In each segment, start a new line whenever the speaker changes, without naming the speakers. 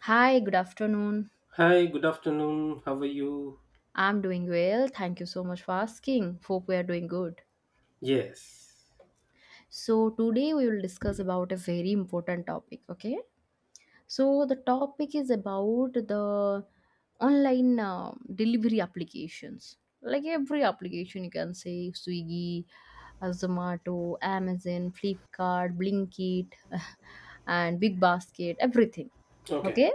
Hi, good afternoon.
Hi, good afternoon. How are you?
I'm doing well. Thank you so much for asking. Hope we are doing good.
Yes.
So, today we will discuss about a very important topic, okay? So, the topic is about the online delivery applications. Like every application you can say Swiggy, Zomato, Amazon, Flipkart, Blinkit, and Big Basket, everything.
Okay.
Okay?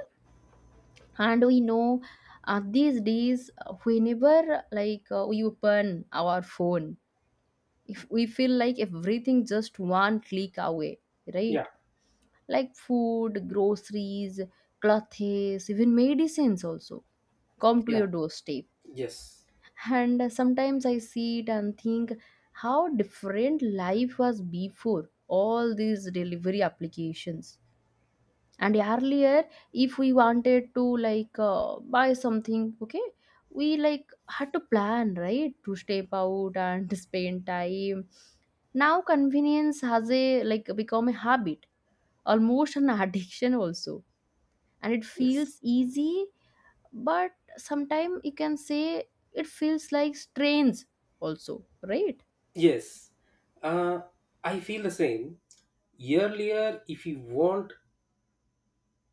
And we know these days whenever like we open our phone, if we feel like everything just one click away,
Yeah.
right? Like food, groceries, clothes, even medicines also come to your
Yeah.
doorstep.
Yes.
And sometimes I see it and think how different life was before all these delivery applications. And earlier, if we wanted to like buy something, okay, we like had to plan, right, to step out and spend time. Now convenience has a like become a habit, almost an addiction also, and it
Yes.
feels easy, but sometimes you can say it feels like strains also, right?
Yes. Uh, I feel the same. Earlier,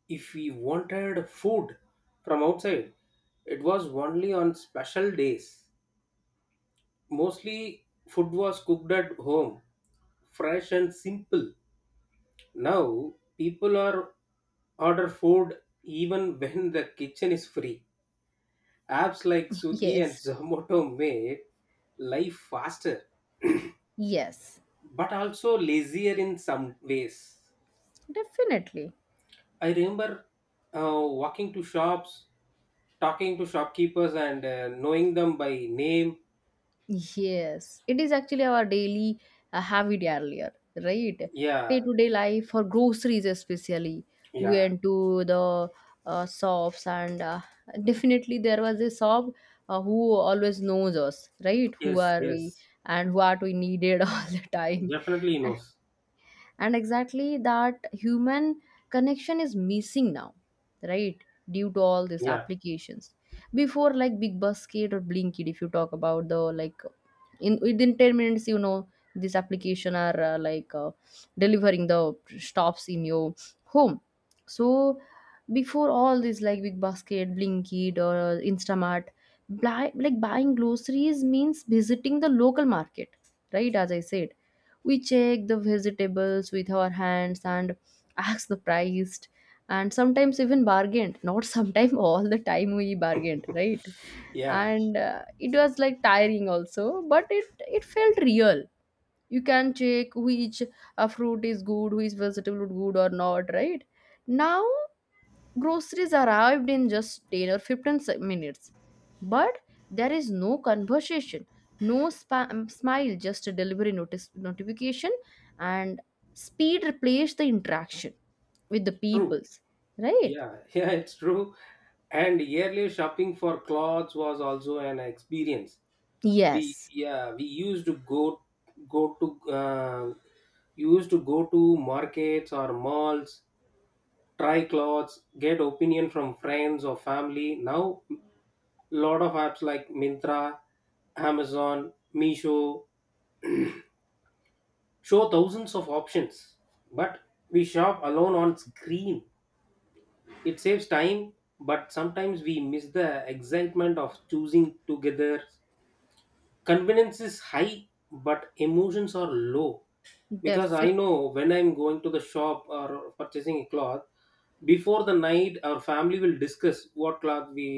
if we wanted food from outside, it was only on special days. Mostly, food was cooked at home, fresh and simple. Now, people are order food even when the kitchen is free. Apps like Swiggy and
Yes,
Zomato made life faster,
yes,
but also lazier in some ways.
definitely.
I remember walking to shops, talking to shopkeepers, and knowing them by name.
Yes, it is actually our daily habit earlier, right? Day
Yeah,
to day life for groceries, especially. We
yeah,
went to the shops, and definitely there was a shop who always knows us, right? Who
yes,
are we
yes,
and what we needed, all the time.
definitely knows.
And exactly that human connection is missing now, right, due to all these
Yeah,
applications. Before like Big Basket or Blinkit, if you talk about the like, in within 10 minutes, you know, this application are like delivering the stops in your home. So before all this, like Big Basket, Blinkit or Instamart, buy, like buying groceries means visiting the local market, right? As I said, we check the vegetables with our hands and ask the price, and sometimes even bargained. Not sometimes, all the time we bargained, right?
yeah,
And it was like tiring also, but it felt real. You can check which fruit is good, which vegetable is good or not, right? Now groceries arrived in just 10 or 15 minutes. But there is no conversation, no spam smile, just a delivery notice notification, and speed replaced the interaction with the
true.
peoples, right?
Yeah, yeah, it's true. And yearly shopping for clothes was also an experience. We
Yes,
yeah, we go to uh, used to go to markets or malls, try clothes, get opinion from friends or family. Now lot of apps like mintra, amazon, meesho show thousands of options, but we shop alone on screen. It saves time, but sometimes we miss the excitement of choosing together. Convenience is high, but emotions are low. Because I
definitely.
know when I'm going to the shop or purchasing a cloth, before the night our family will discuss what cloth we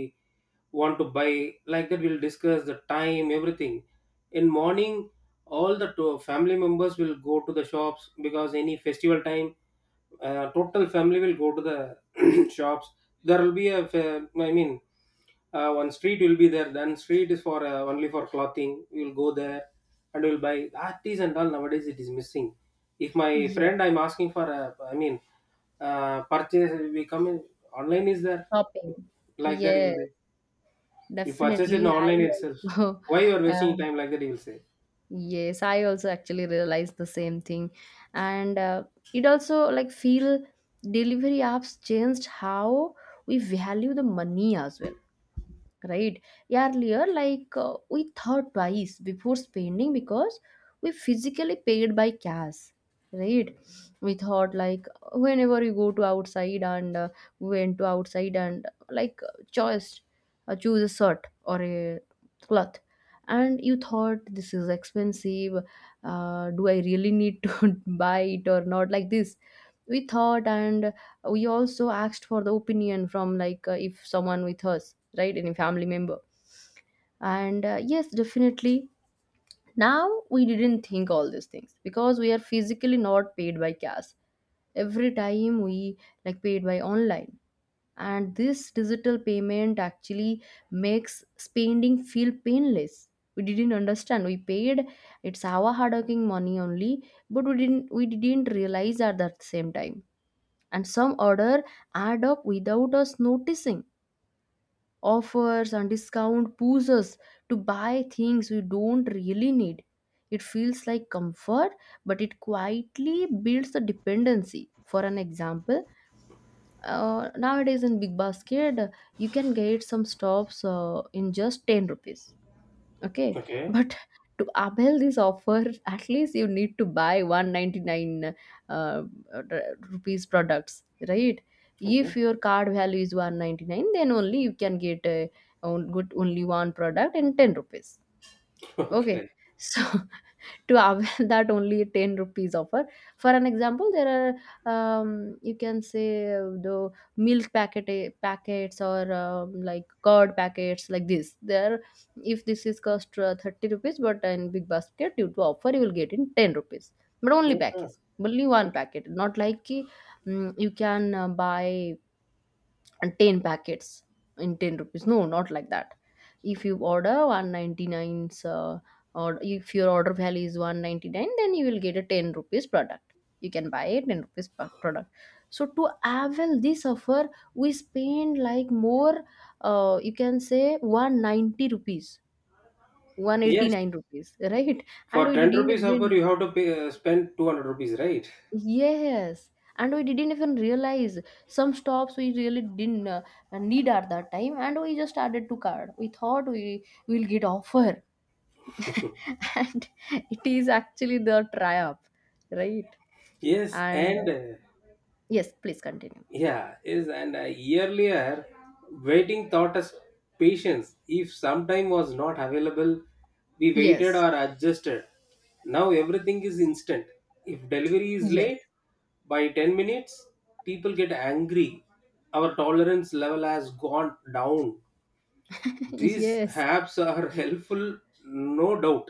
want to buy. Like that we'll discuss the time, everything. In morning all the family members will go to the shops because any festival time total family will go to the shops. There will be a one street will be there, then street is for only for clothing, we'll go there and we'll buy, that is. And all nowadays it is missing. If my
Yes,
friend I'm asking for a, purchase, we come in online is there,
shopping.
like that he
Yes,
will say. You purchase it in
definitely. I
online itself,
also
why you are wasting
uh,
time, like that he will say.
yes, I also actually realized the same thing. And it also like feel delivery apps changed how we value the money as well, right? Yeah, earlier like we thought twice before spending, because we physically paid by cash, right? We thought like, whenever you go to outside and went to outside and like choice choose a shirt or a cloth, and you thought this is expensive. Do I really need to buy it or not, like this we thought. And we also asked for the opinion from like, if someone with us, right? Any family member. And yes, definitely. Now we didn't think all these things, because we are physically not paid by cash. Every time we like paid by online. And this digital payment actually makes spending feel painless. We didn't understand. We paid, it's our hard-working money only, but we didn't realize at that same time. And some order add up without us noticing. Offers and discount push us to buy things we don't really need. It feels like comfort, but it quietly builds a dependency. For an example, nowadays in Big Basket, you can get some stops in just 10 rupees. Okay,
Okay.
but to avail this offer, at least you need to buy 199 uh, r- rupees products, right? If
Okay.
your card value is 199, then only you can get a, good only one product and 10 rupees. Okay,
Okay.
so to avail that only 10 rupees offer, for an example, there are you can say the milk packet, packets or like curd packets, like this there. If this is cost 30 rupees, but in Big Basket due to offer you will get in 10 rupees. But only
Yeah.
packets, only one
Okay.
packet, not like ki, mm, you can buy and 10 packets in 10 rupees. No, not like that. If you order 199, or if your order value is 199, then you will get a 10 rupees product. You can buy a 10 rupees product so to avail this offer, we spend like more, you can say 190 rupees,
Yes.
189 rupees, right? And
For
we
10
didn't
rupees upper,
even,
you have to pay, spend 200 rupees, right?
yes, and we didn't even realize some stops we really didn't need at that time, and we just added to card. We thought we will get offer, and it is actually the try up, right?
Yes,
And
and
yes, please continue.
yeah, yes, and uh, earlier waiting taught us patience. If some time was not available, we waited
Yes,
or adjusted. Now everything is instant. If delivery is
yes,
late by 10 minutes, people get angry. Our tolerance level has gone down. These
yes,
apps are helpful, no doubt,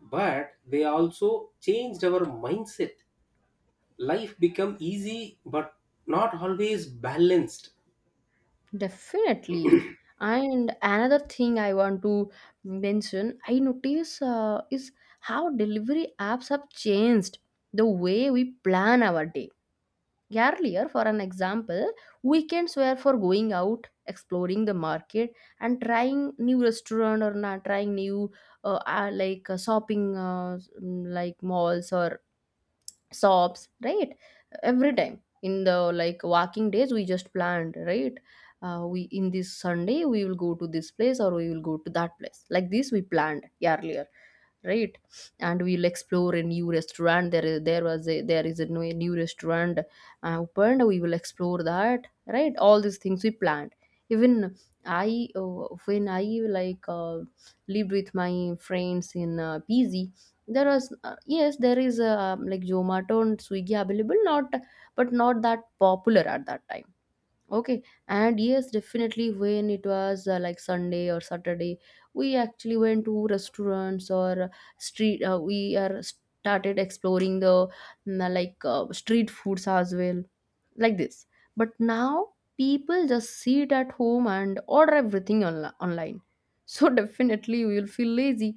but they also changed our mindset. Life become easy, but not always balanced.
definitely. And another thing I want to mention, I notice is how delivery apps have changed the way we plan our day. Earlier, for an example, weekends were for going out, exploring the market, and trying new restaurant, or not trying new like shopping like malls or sobs, right? Every time in the like walking days, we just planned, right? We, in this Sunday we will go to this place, or we will go to that place, like this we planned earlier, right? And we'll explore a new restaurant. There is a new restaurant opened, we will explore that, right? All these things we planned. Even I, when I like lived with my friends in PG, there was yes, there is like Zomato and Swiggy available, not, but not that popular at that time, okay? And yes, definitely when it was like Sunday or Saturday, we actually went to restaurants or street, we are started exploring the street foods as well, like this. But now people just sit at home and order everything online so definitely you will feel lazy.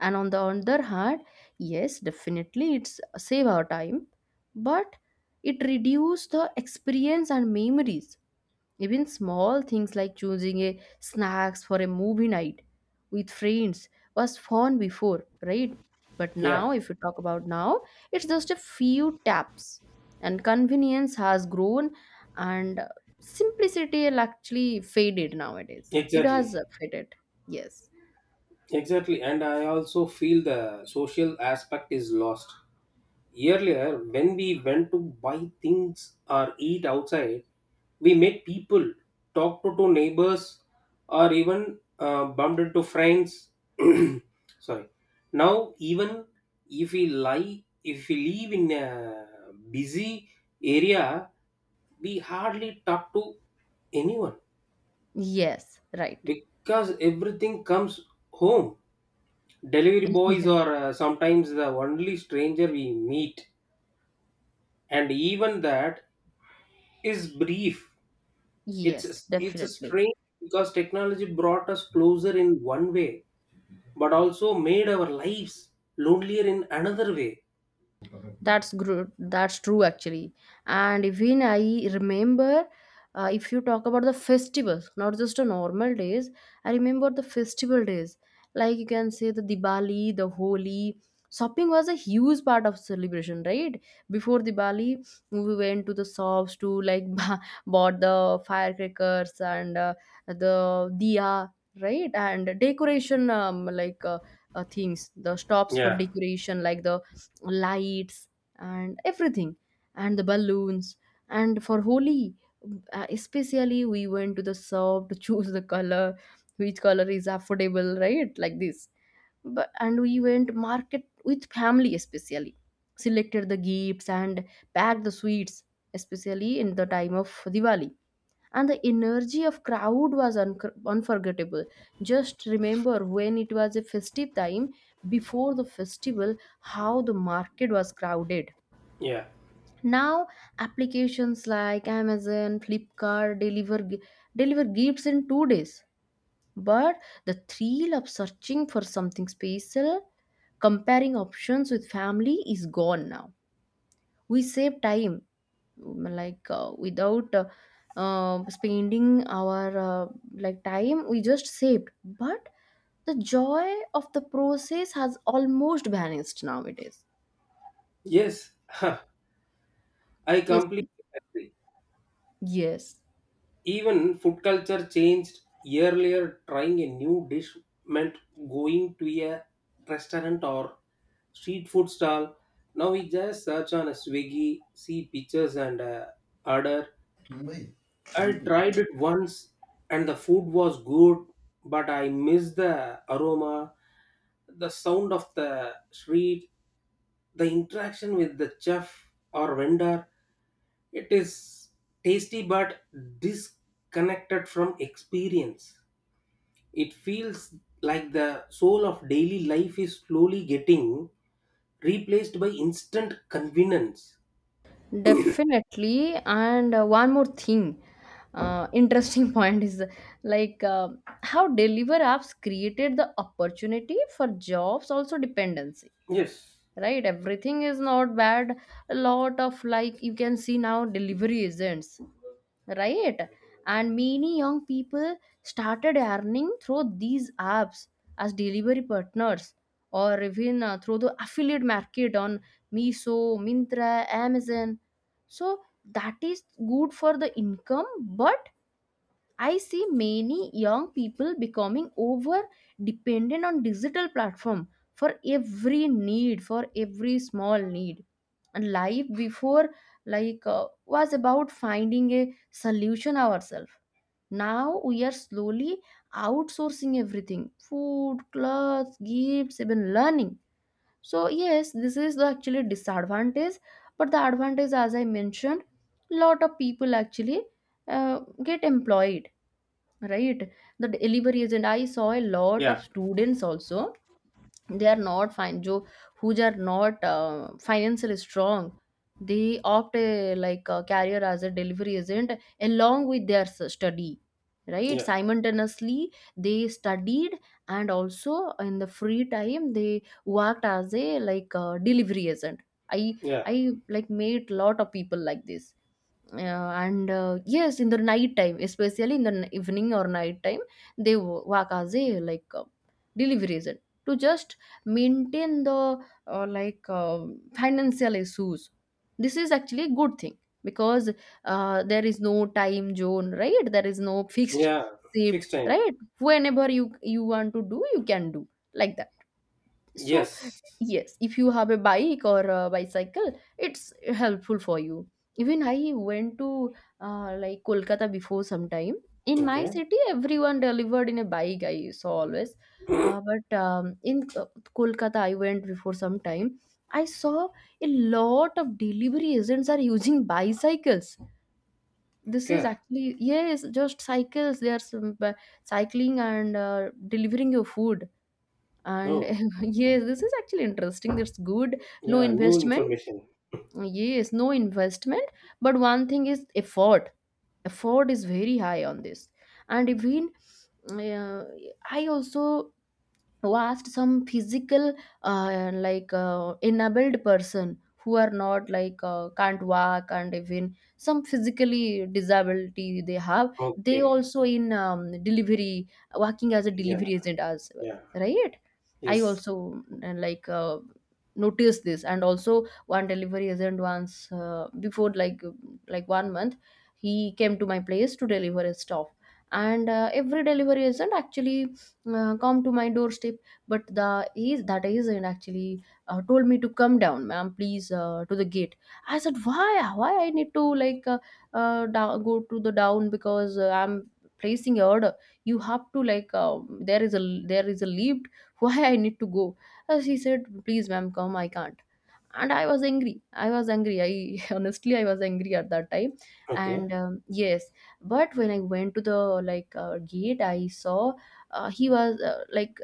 And on the other hand, yes, definitely it's save our time, but it reduces the experience and memories. Even small things like choosing a snacks for a movie night with friends was fun before, right? But
Yeah,
now, if you talk about now, it's just a few taps, and convenience has grown, and simplicity has actually faded nowadays. It has
exactly.
faded. Yes.
Exactly, and I also feel the social aspect is lost. Earlier, when we went to buy things or eat outside, we met people, talked to neighbors, or even bumped into friends. Sorry. Now, even if we live in a busy area, we hardly talk to anyone
Yes. Right.
because everything comes home. Delivery boys
Yes.
are sometimes the only stranger we meet, and even that is brief.
Yes.
It's a
Definitely.
strange, because technology brought us closer in one way, but also made our lives lonelier in another way.
That's that's true actually. And even I remember, if you talk about the festivals, not just the normal days, I remember the festival days, like you can say the Diwali, the Holi. Shopping was a huge part of celebration, right? Before Diwali, we went to the shops to like bought the firecrackers and the diya, right? And decoration, things the stops for
Yeah,
decoration like the lights and everything, and the balloons. And for Holi, especially we went to the shop to choose the color, which color is affordable, right, like this. But and we went market with family, especially selected the gifts and packed the sweets, especially in the time of Diwali. And the energy of crowd was unforgettable just remember when it was a festive time, before the festival, how the market was crowded.
yeah,
Now, applications like Amazon, Flipkart deliver gifts in 2 days. But the thrill of searching for something special, comparing options with family, is gone now. We save time, mm, like without spending our time. We just saved, but the joy of the process has almost vanished nowadays.
yes, I
Yes,
completely agree.
yes.
Even food culture changed. Earlier, trying a new dish meant going to a restaurant or street food stall. Now we just search on a Swiggy, see pictures and order. I tried it once and the food was good, but I missed the aroma, the sound of the street, the interaction with the chef or vendor. It is tasty but disconnected from experience. It feels like the soul of daily life is slowly getting replaced by instant convenience.
Definitely. And one more thing, interesting point is like uh, how deliver apps created the opportunity for jobs, also dependency,
Yes.
right? Everything is not bad. A lot of like you can see now delivery agents, right? And many young people started earning through these apps as delivery partners, or even through the affiliate market on Miso, Mintra, Amazon. So that is good for the income, but I see many young people becoming over dependent on digital platform for every need, for every small need. And life before like was about finding a solution ourselves. Now we are slowly outsourcing everything: food, clothes, gifts, even learning. So yes, this is the actually disadvantage, but the advantage, as I mentioned, lot of people actually get employed, right? The deliveries. And I saw a lot of
Yeah.
students also. They are not fine jo who are not financially strong. They opt a, like a career as a delivery agent along with their study, right?
Yeah.
Simultaneously they studied, and also in the free time they worked as a like a delivery agent. i
Yeah.
i like made lot of people like this, and yes, in the night time, especially in the evening or night time, they work as a like delivery agent to just maintain the like financial issues. This is actually a good thing, because there is no time zone, right? There is no fixed
Yeah.
shift,
Fixed time.
right? Whenever you want to do, you can do, like that. So
Yes.
yes, if you have a bike or a bicycle, it's helpful for you. Even I went to like Kolkata before sometime. In my
Okay.
city everyone delivered in a bike, I saw always. But in Kolkata, I went before some time, I saw a lot of delivery agents are using bicycles. This is
Okay.
actually, yes, just cycles they are, some, cycling and delivering your food. And
Oh.
yes, this is actually interesting. That's good. No
Yeah. New
investment.
information.
Yes, no investment. But one thing is effort. Effort is very high on this. And even, uh, I also vast some physical like enabled person who are not like can't walk, and even some physically disability they have. They
Okay.
also in delivery, working as a
Yeah.
delivery agent as well,
Yeah.
right? I
Yes.
also like noticed this. And also, one delivery agent once, before like 1 month, he came to my place to deliver his stuff. And every delivery agent actually come to my doorstep, but the is that agent actually told me to come down, ma'am, please to the gate. I said why I need to like down, go to the down, because I'm placing a order, you have to like there is a lift. Why I need to go? She said please, ma'am, come, I can't. And I was angry, I was angry, I honestly I was angry at that time.
Okay.
And yes. But when I went to the like gate, I saw he was like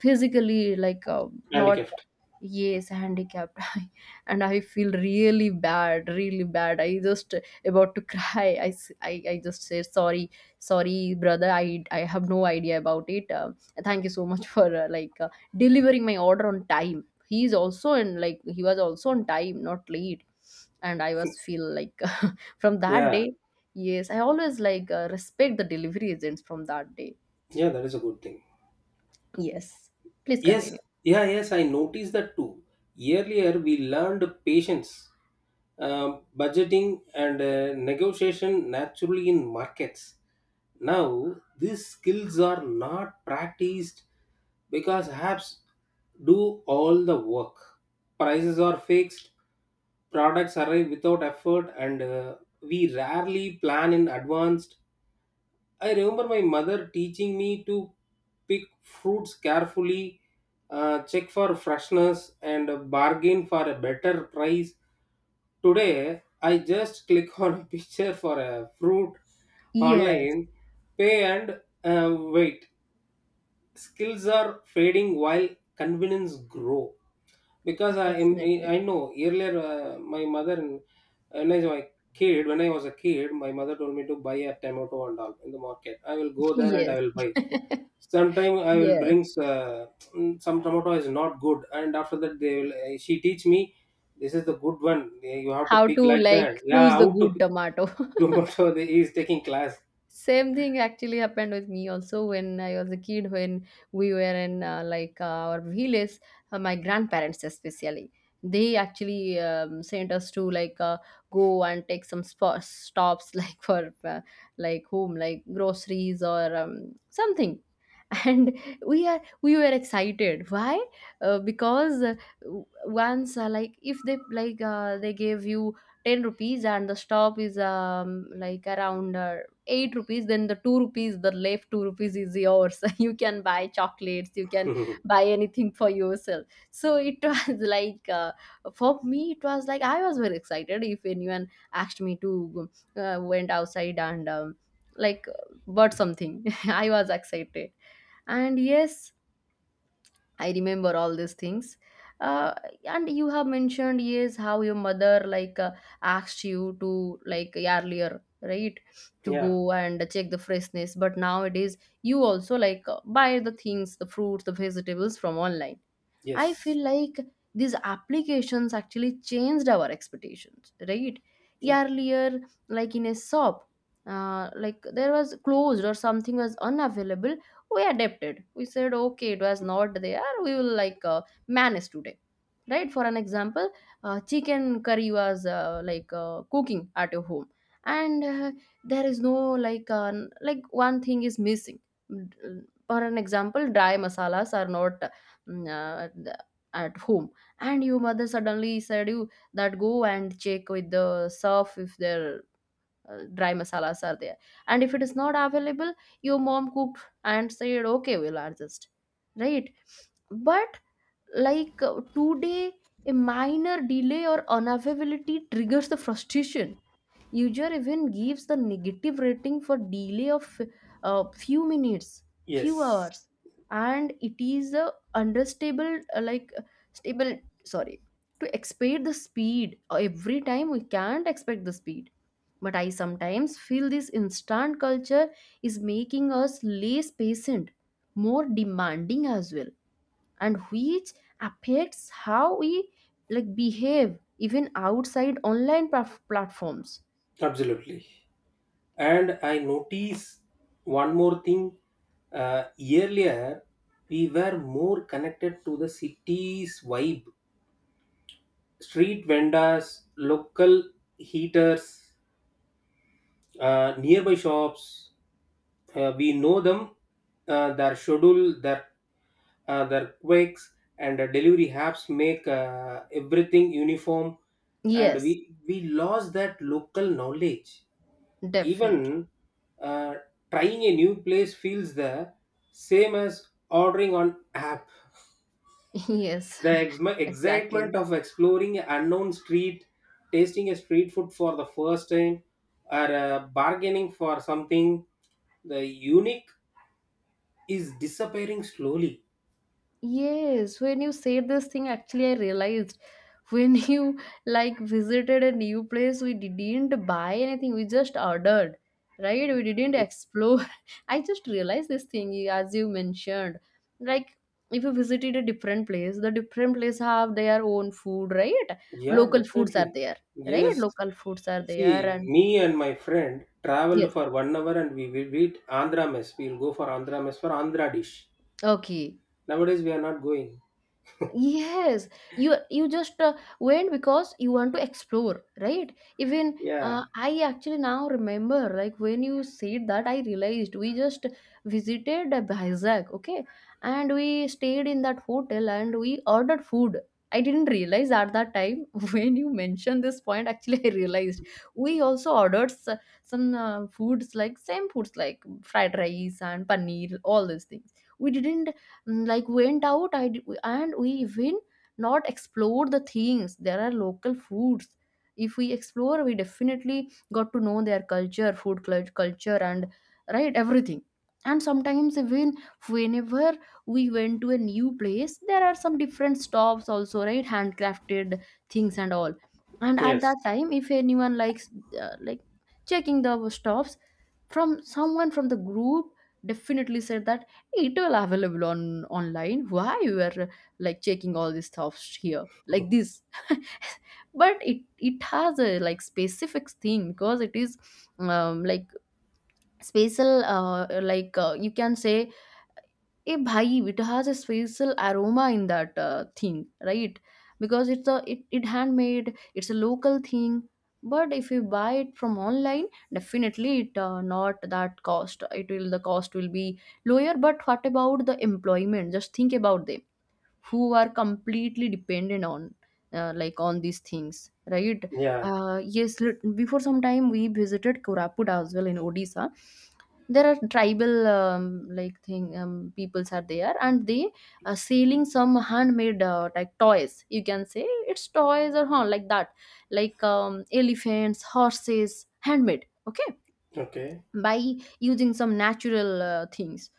physically like
And
not,
gift.
yes, handicapped. And I feel really bad, really bad, I just about to cry. I I- just say sorry, sorry brother, I have no idea about it. Thank you so much for like delivering my order on time. He is also in like he was also on time, not late. And I was feel like from that day,
Yeah.
yes, I always like respect the delivery agents from that day.
Yeah. That is a good thing.
Yes, please
Yes,
continue.
yeah, yes, I noticed that too. Earlier, we learned patience, budgeting, and negotiation naturally in markets. Now, these skills are not practiced because apps do all the work. Prices are fixed, products arrive without effort, and we rarely plan in advance. I remember my mother teaching me to pick fruits carefully, check for freshness, and bargain for a better price. Today, I just click on a picture for a fruit
Yes,
online, pay, and wait. Skills are fading while convenience grow. Because I am
definitely.
I know earlier my mother and when I was a when I was a kid my mother told me to buy a tomato and all in the market. I will go there and
Yes.
I will buy. Sometime I will
Yes,
bring some tomato is not good, and after that they will, she teach me this is the good one. Yeah, you have to
how
pick
to
like that,
like
yeah,
choose the
how to
good
pick.
tomato.
Tomato, he is taking class.
Same thing actually happened with me also when I was a kid, when we were in like our village, my grandparents especially. They actually sent us to like go and take some stops like for like home, like groceries or something. And we were excited. Why? Because once, like if they like they gave you 10 rupees, and the stop is like around 8 rupees, then the 2 rupees, the left 2 rupees is yours. You can buy chocolates, you can buy anything for yourself. So it was like for me it was like, I was very excited if anyone asked me to went outside and like bought something. I was excited. And yes, I remember all these things. Uh, and you have mentioned, yes, how your mother like asked you to, like, earlier, right, to
Yeah.
go and check the freshness, but nowadays you also like buy the things, the fruits, the vegetables from online. I feel
Yes.
like these applications actually changed our expectations, right?
Yeah.
Earlier, like in a shop, like there was closed or something was unavailable, we adapted, we said okay, it was not there, we will like manage today, right? For an example, chicken curry was like cooking at your home, and there is no like like one thing is missing. Mm, for an example, dry masalas are not, mm, at home, and your mother suddenly said you that go and check with the surf if there dry masalas are there. And if it is not available, your mom cooked and said okay, we'll adjust, right? But like today, a minor delay or unavailability triggers the frustration. User even gives the negative rating for delay of few minutes, few
Yes.
hours. And it is a understable like stable, sorry, to expect the speed. Every time we can't expect the speed. But I sometimes feel this instant culture is making us less patient, more demanding as well, and which affects how we like behave even outside online platforms.
Absolutely. And I notice one more thing. Earlier, we were more connected to the city's vibe. Street vendors, local heaters, nearby shops. We know them, their schedule, their quakes, and delivery apps make everything uniform. And
Yes,
we lost that local knowledge.
definitely.
Even uh, trying a new place feels the same as ordering on app.
Yes,
The
exactly.
excitement of exploring an unknown street, tasting a street food for the first time, or bargaining for something, the unique is disappearing slowly.
Yes, when you said this thing, actually, I realized, when you like visited a new place, we didn't buy anything, we just ordered, right? We didn't explore. I just realized this thing, as you mentioned. Like, if you visited a different place, the different place have their own food, right?
Yeah,
Local foods are
definitely.
there, right?
Yes.
Local foods are there,
See,
and
me and my friend traveled
yes,
for 1 hour and we will eat Andhra mess. We will go for Andhra mess for Andhra dish.
okay.
Nowadays, we are not going.
Yes, you just went because you want to explore, right? Even
Yeah.
I actually now remember, like when you said that, I realized we just visited Vizag, okay, and we stayed in that hotel and we ordered food. I didn't realize at that time when you mentioned this point. Actually, I realized we also ordered some foods, like same foods like fried rice and paneer, all these things. We didn't, mm, like went out. And we even not explored the things, there are local foods, if we explore we definitely got to know their culture, food culture and, right, everything. And sometimes even, whenever we went to a new place, there are some different stops also, right? Handcrafted things and all. And at that
Yes.
time if anyone likes like checking the stops from someone from the group, definitely said that, hey, it will available on online. Why you are like checking all these stuffs here like this? But it has a like specific thing, because it is like special, like you can say a bhai, it has a special aroma in that thing, right? Because it's a it, it handmade, it's a local thing. But if you buy it from online, definitely it not that cost, it will the cost will be lower. But what about the employment? Just think about them, who are completely dependent on like on these things, right?
Yeah.
Yes, before some time we visited Koraput as well, in Odisha. There are tribal like thing peoples are there, and they are selling some handmade like toys you can say, it's toys or huh, like that, like elephants, horses, handmade, okay,
Okay.
by using some natural things.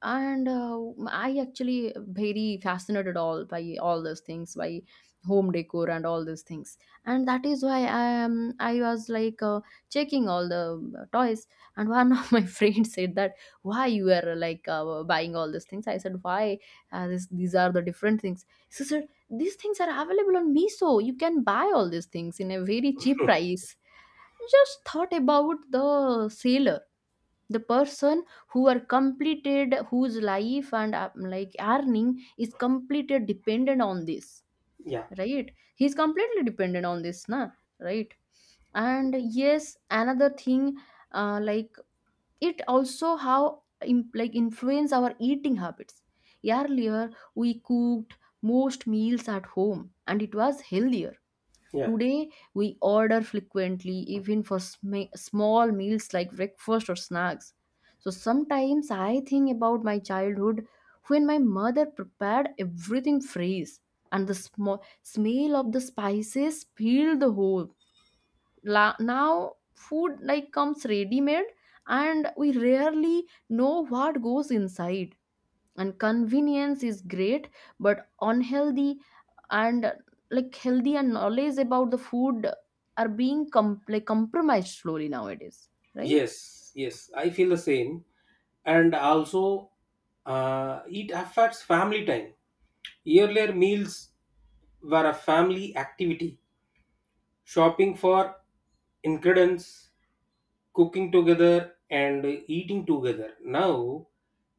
And I actually very fascinated all by all those things, by home decor and all those things. And that is why I was like checking all the toys. And one of my friends said that, why you are like buying all these things? I said why, this, these are the different things. She said, these things are available on Miso, you can buy all these things in a very cheap price. Just thought about the sale, the person who are completed, whose life and like earning is completely dependent on this,
Yeah.
right? He's completely dependent on this, na, right? And yes, another thing, like, it also how like influence our eating habits. Earlier we cooked most meals at home, and it was healthier.
Yeah.
Today, we order frequently, even for small meals like breakfast or snacks. So sometimes I think about my childhood when my mother prepared everything fresh, and the smell of the spices filled the whole. Now, food like comes ready made, and we rarely know what goes inside. And convenience is great, but unhealthy. And like healthy and knowledge about the food are being like compromised slowly nowadays, right?
Yes. Yes. I feel the same. And also, it affects family time. Earlier meals were a family activity. Shopping for ingredients, cooking together, and eating together. Now,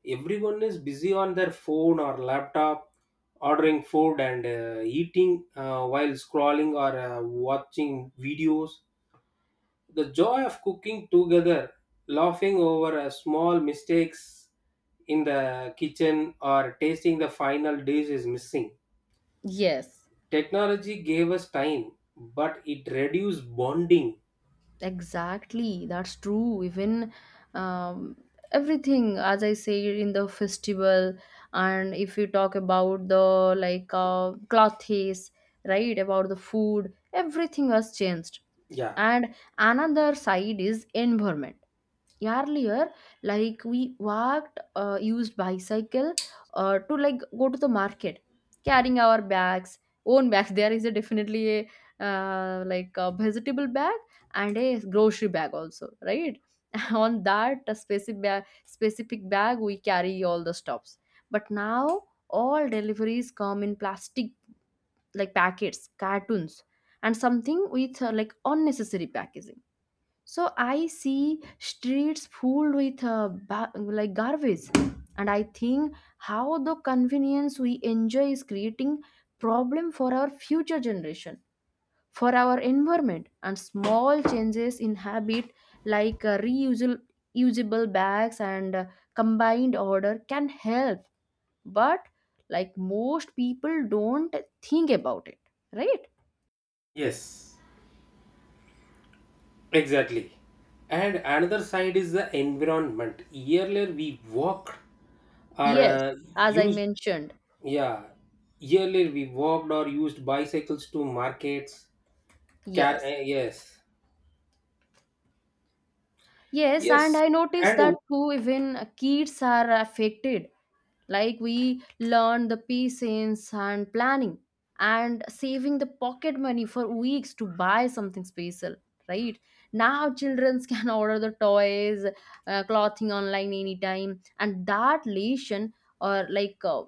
everyone is busy on their phone or laptop, ordering food and eating while scrolling or watching videos. The joy of cooking together, laughing over a small mistakes in the kitchen, or tasting the final dish is missing.
Yes.
Technology gave us time, but it reduced bonding.
Exactly, that's true. Even um, everything, as I say, in the festival, and if you talk about the like clothes, right, about the food, everything has changed.
Yeah.
And another side is environment. Earlier, like we walked, used bicycle, to like go to the market, carrying our bags, own bags. There is a definitely a like a vegetable bag, and a grocery bag also, right? On that specific bag we carry all the stuffs. But now, all deliveries come in plastic, like packets, cartoons, and something with like unnecessary packaging. So I see streets full with like garbage. And I think how the convenience we enjoy is creating problem for our future generation, for our environment. And small changes in habit like reusable usable bags and combined order can help. But like most people don't think about it, right?
Yes. Exactly. And another side is the environment. Earlier we walked or
Yes, as I
used
mentioned,
yeah. Earlier we walked or used bicycles to markets. Car
yes.
yes.
Yes, and
Yes.
I noticed that
And
too, even kids are affected. Like we learn the patience and planning, and saving the pocket money for weeks to buy something special, right? Now children can order the toys, clothing online anytime, and that lesson or like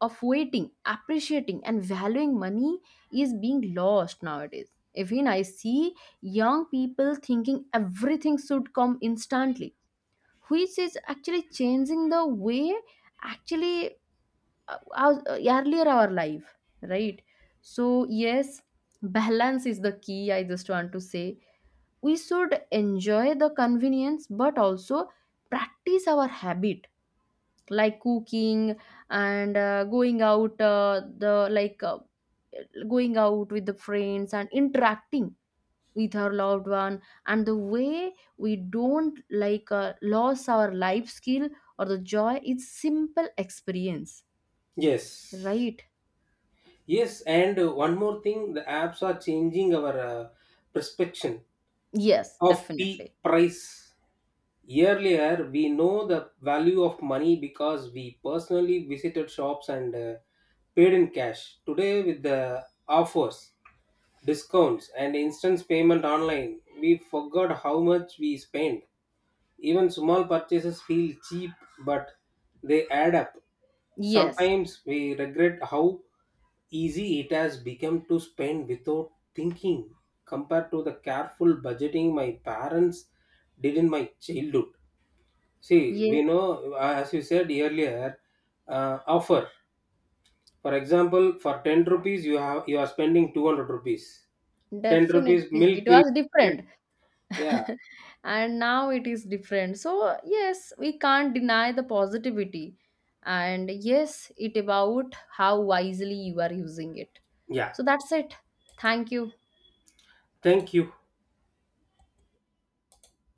of waiting, appreciating, and valuing money is being lost nowadays. Even I see young people thinking everything should come instantly, which is actually changing the way, actually, earlier our life, right? So yes, balance is the key. I just want to say, we should enjoy the convenience, but also practice our habit like cooking, and going out the like going out with the friends and interacting with our loved one. And the way we don't like lose our life skill or the joy, it's simple experience,
yes,
right?
yes, and one more thing, the apps are changing our perception
Yes,
of P
definitely.
price. Earlier, we know the value of money because we personally visited shops and paid in cash. Today, with the offers, discounts, and instant payment online, we forgot how much we spent. Even small purchases feel cheap, but they add up.
Yes.
Sometimes we regret how easy it has become to spend without thinking compared to the careful budgeting my parents did in my childhood. See,
Yeah,
we know, as you said earlier, offer. For example, for 10 rupees, you are spending 200 rupees. 10 rupees
definitely
milk
it
will
was
get.
different.
Yeah,
And now it is different, so yes, we can't deny the positivity. And yes, it about how wisely you are using it.
yeah.
So that's it. Thank you.
Thank you.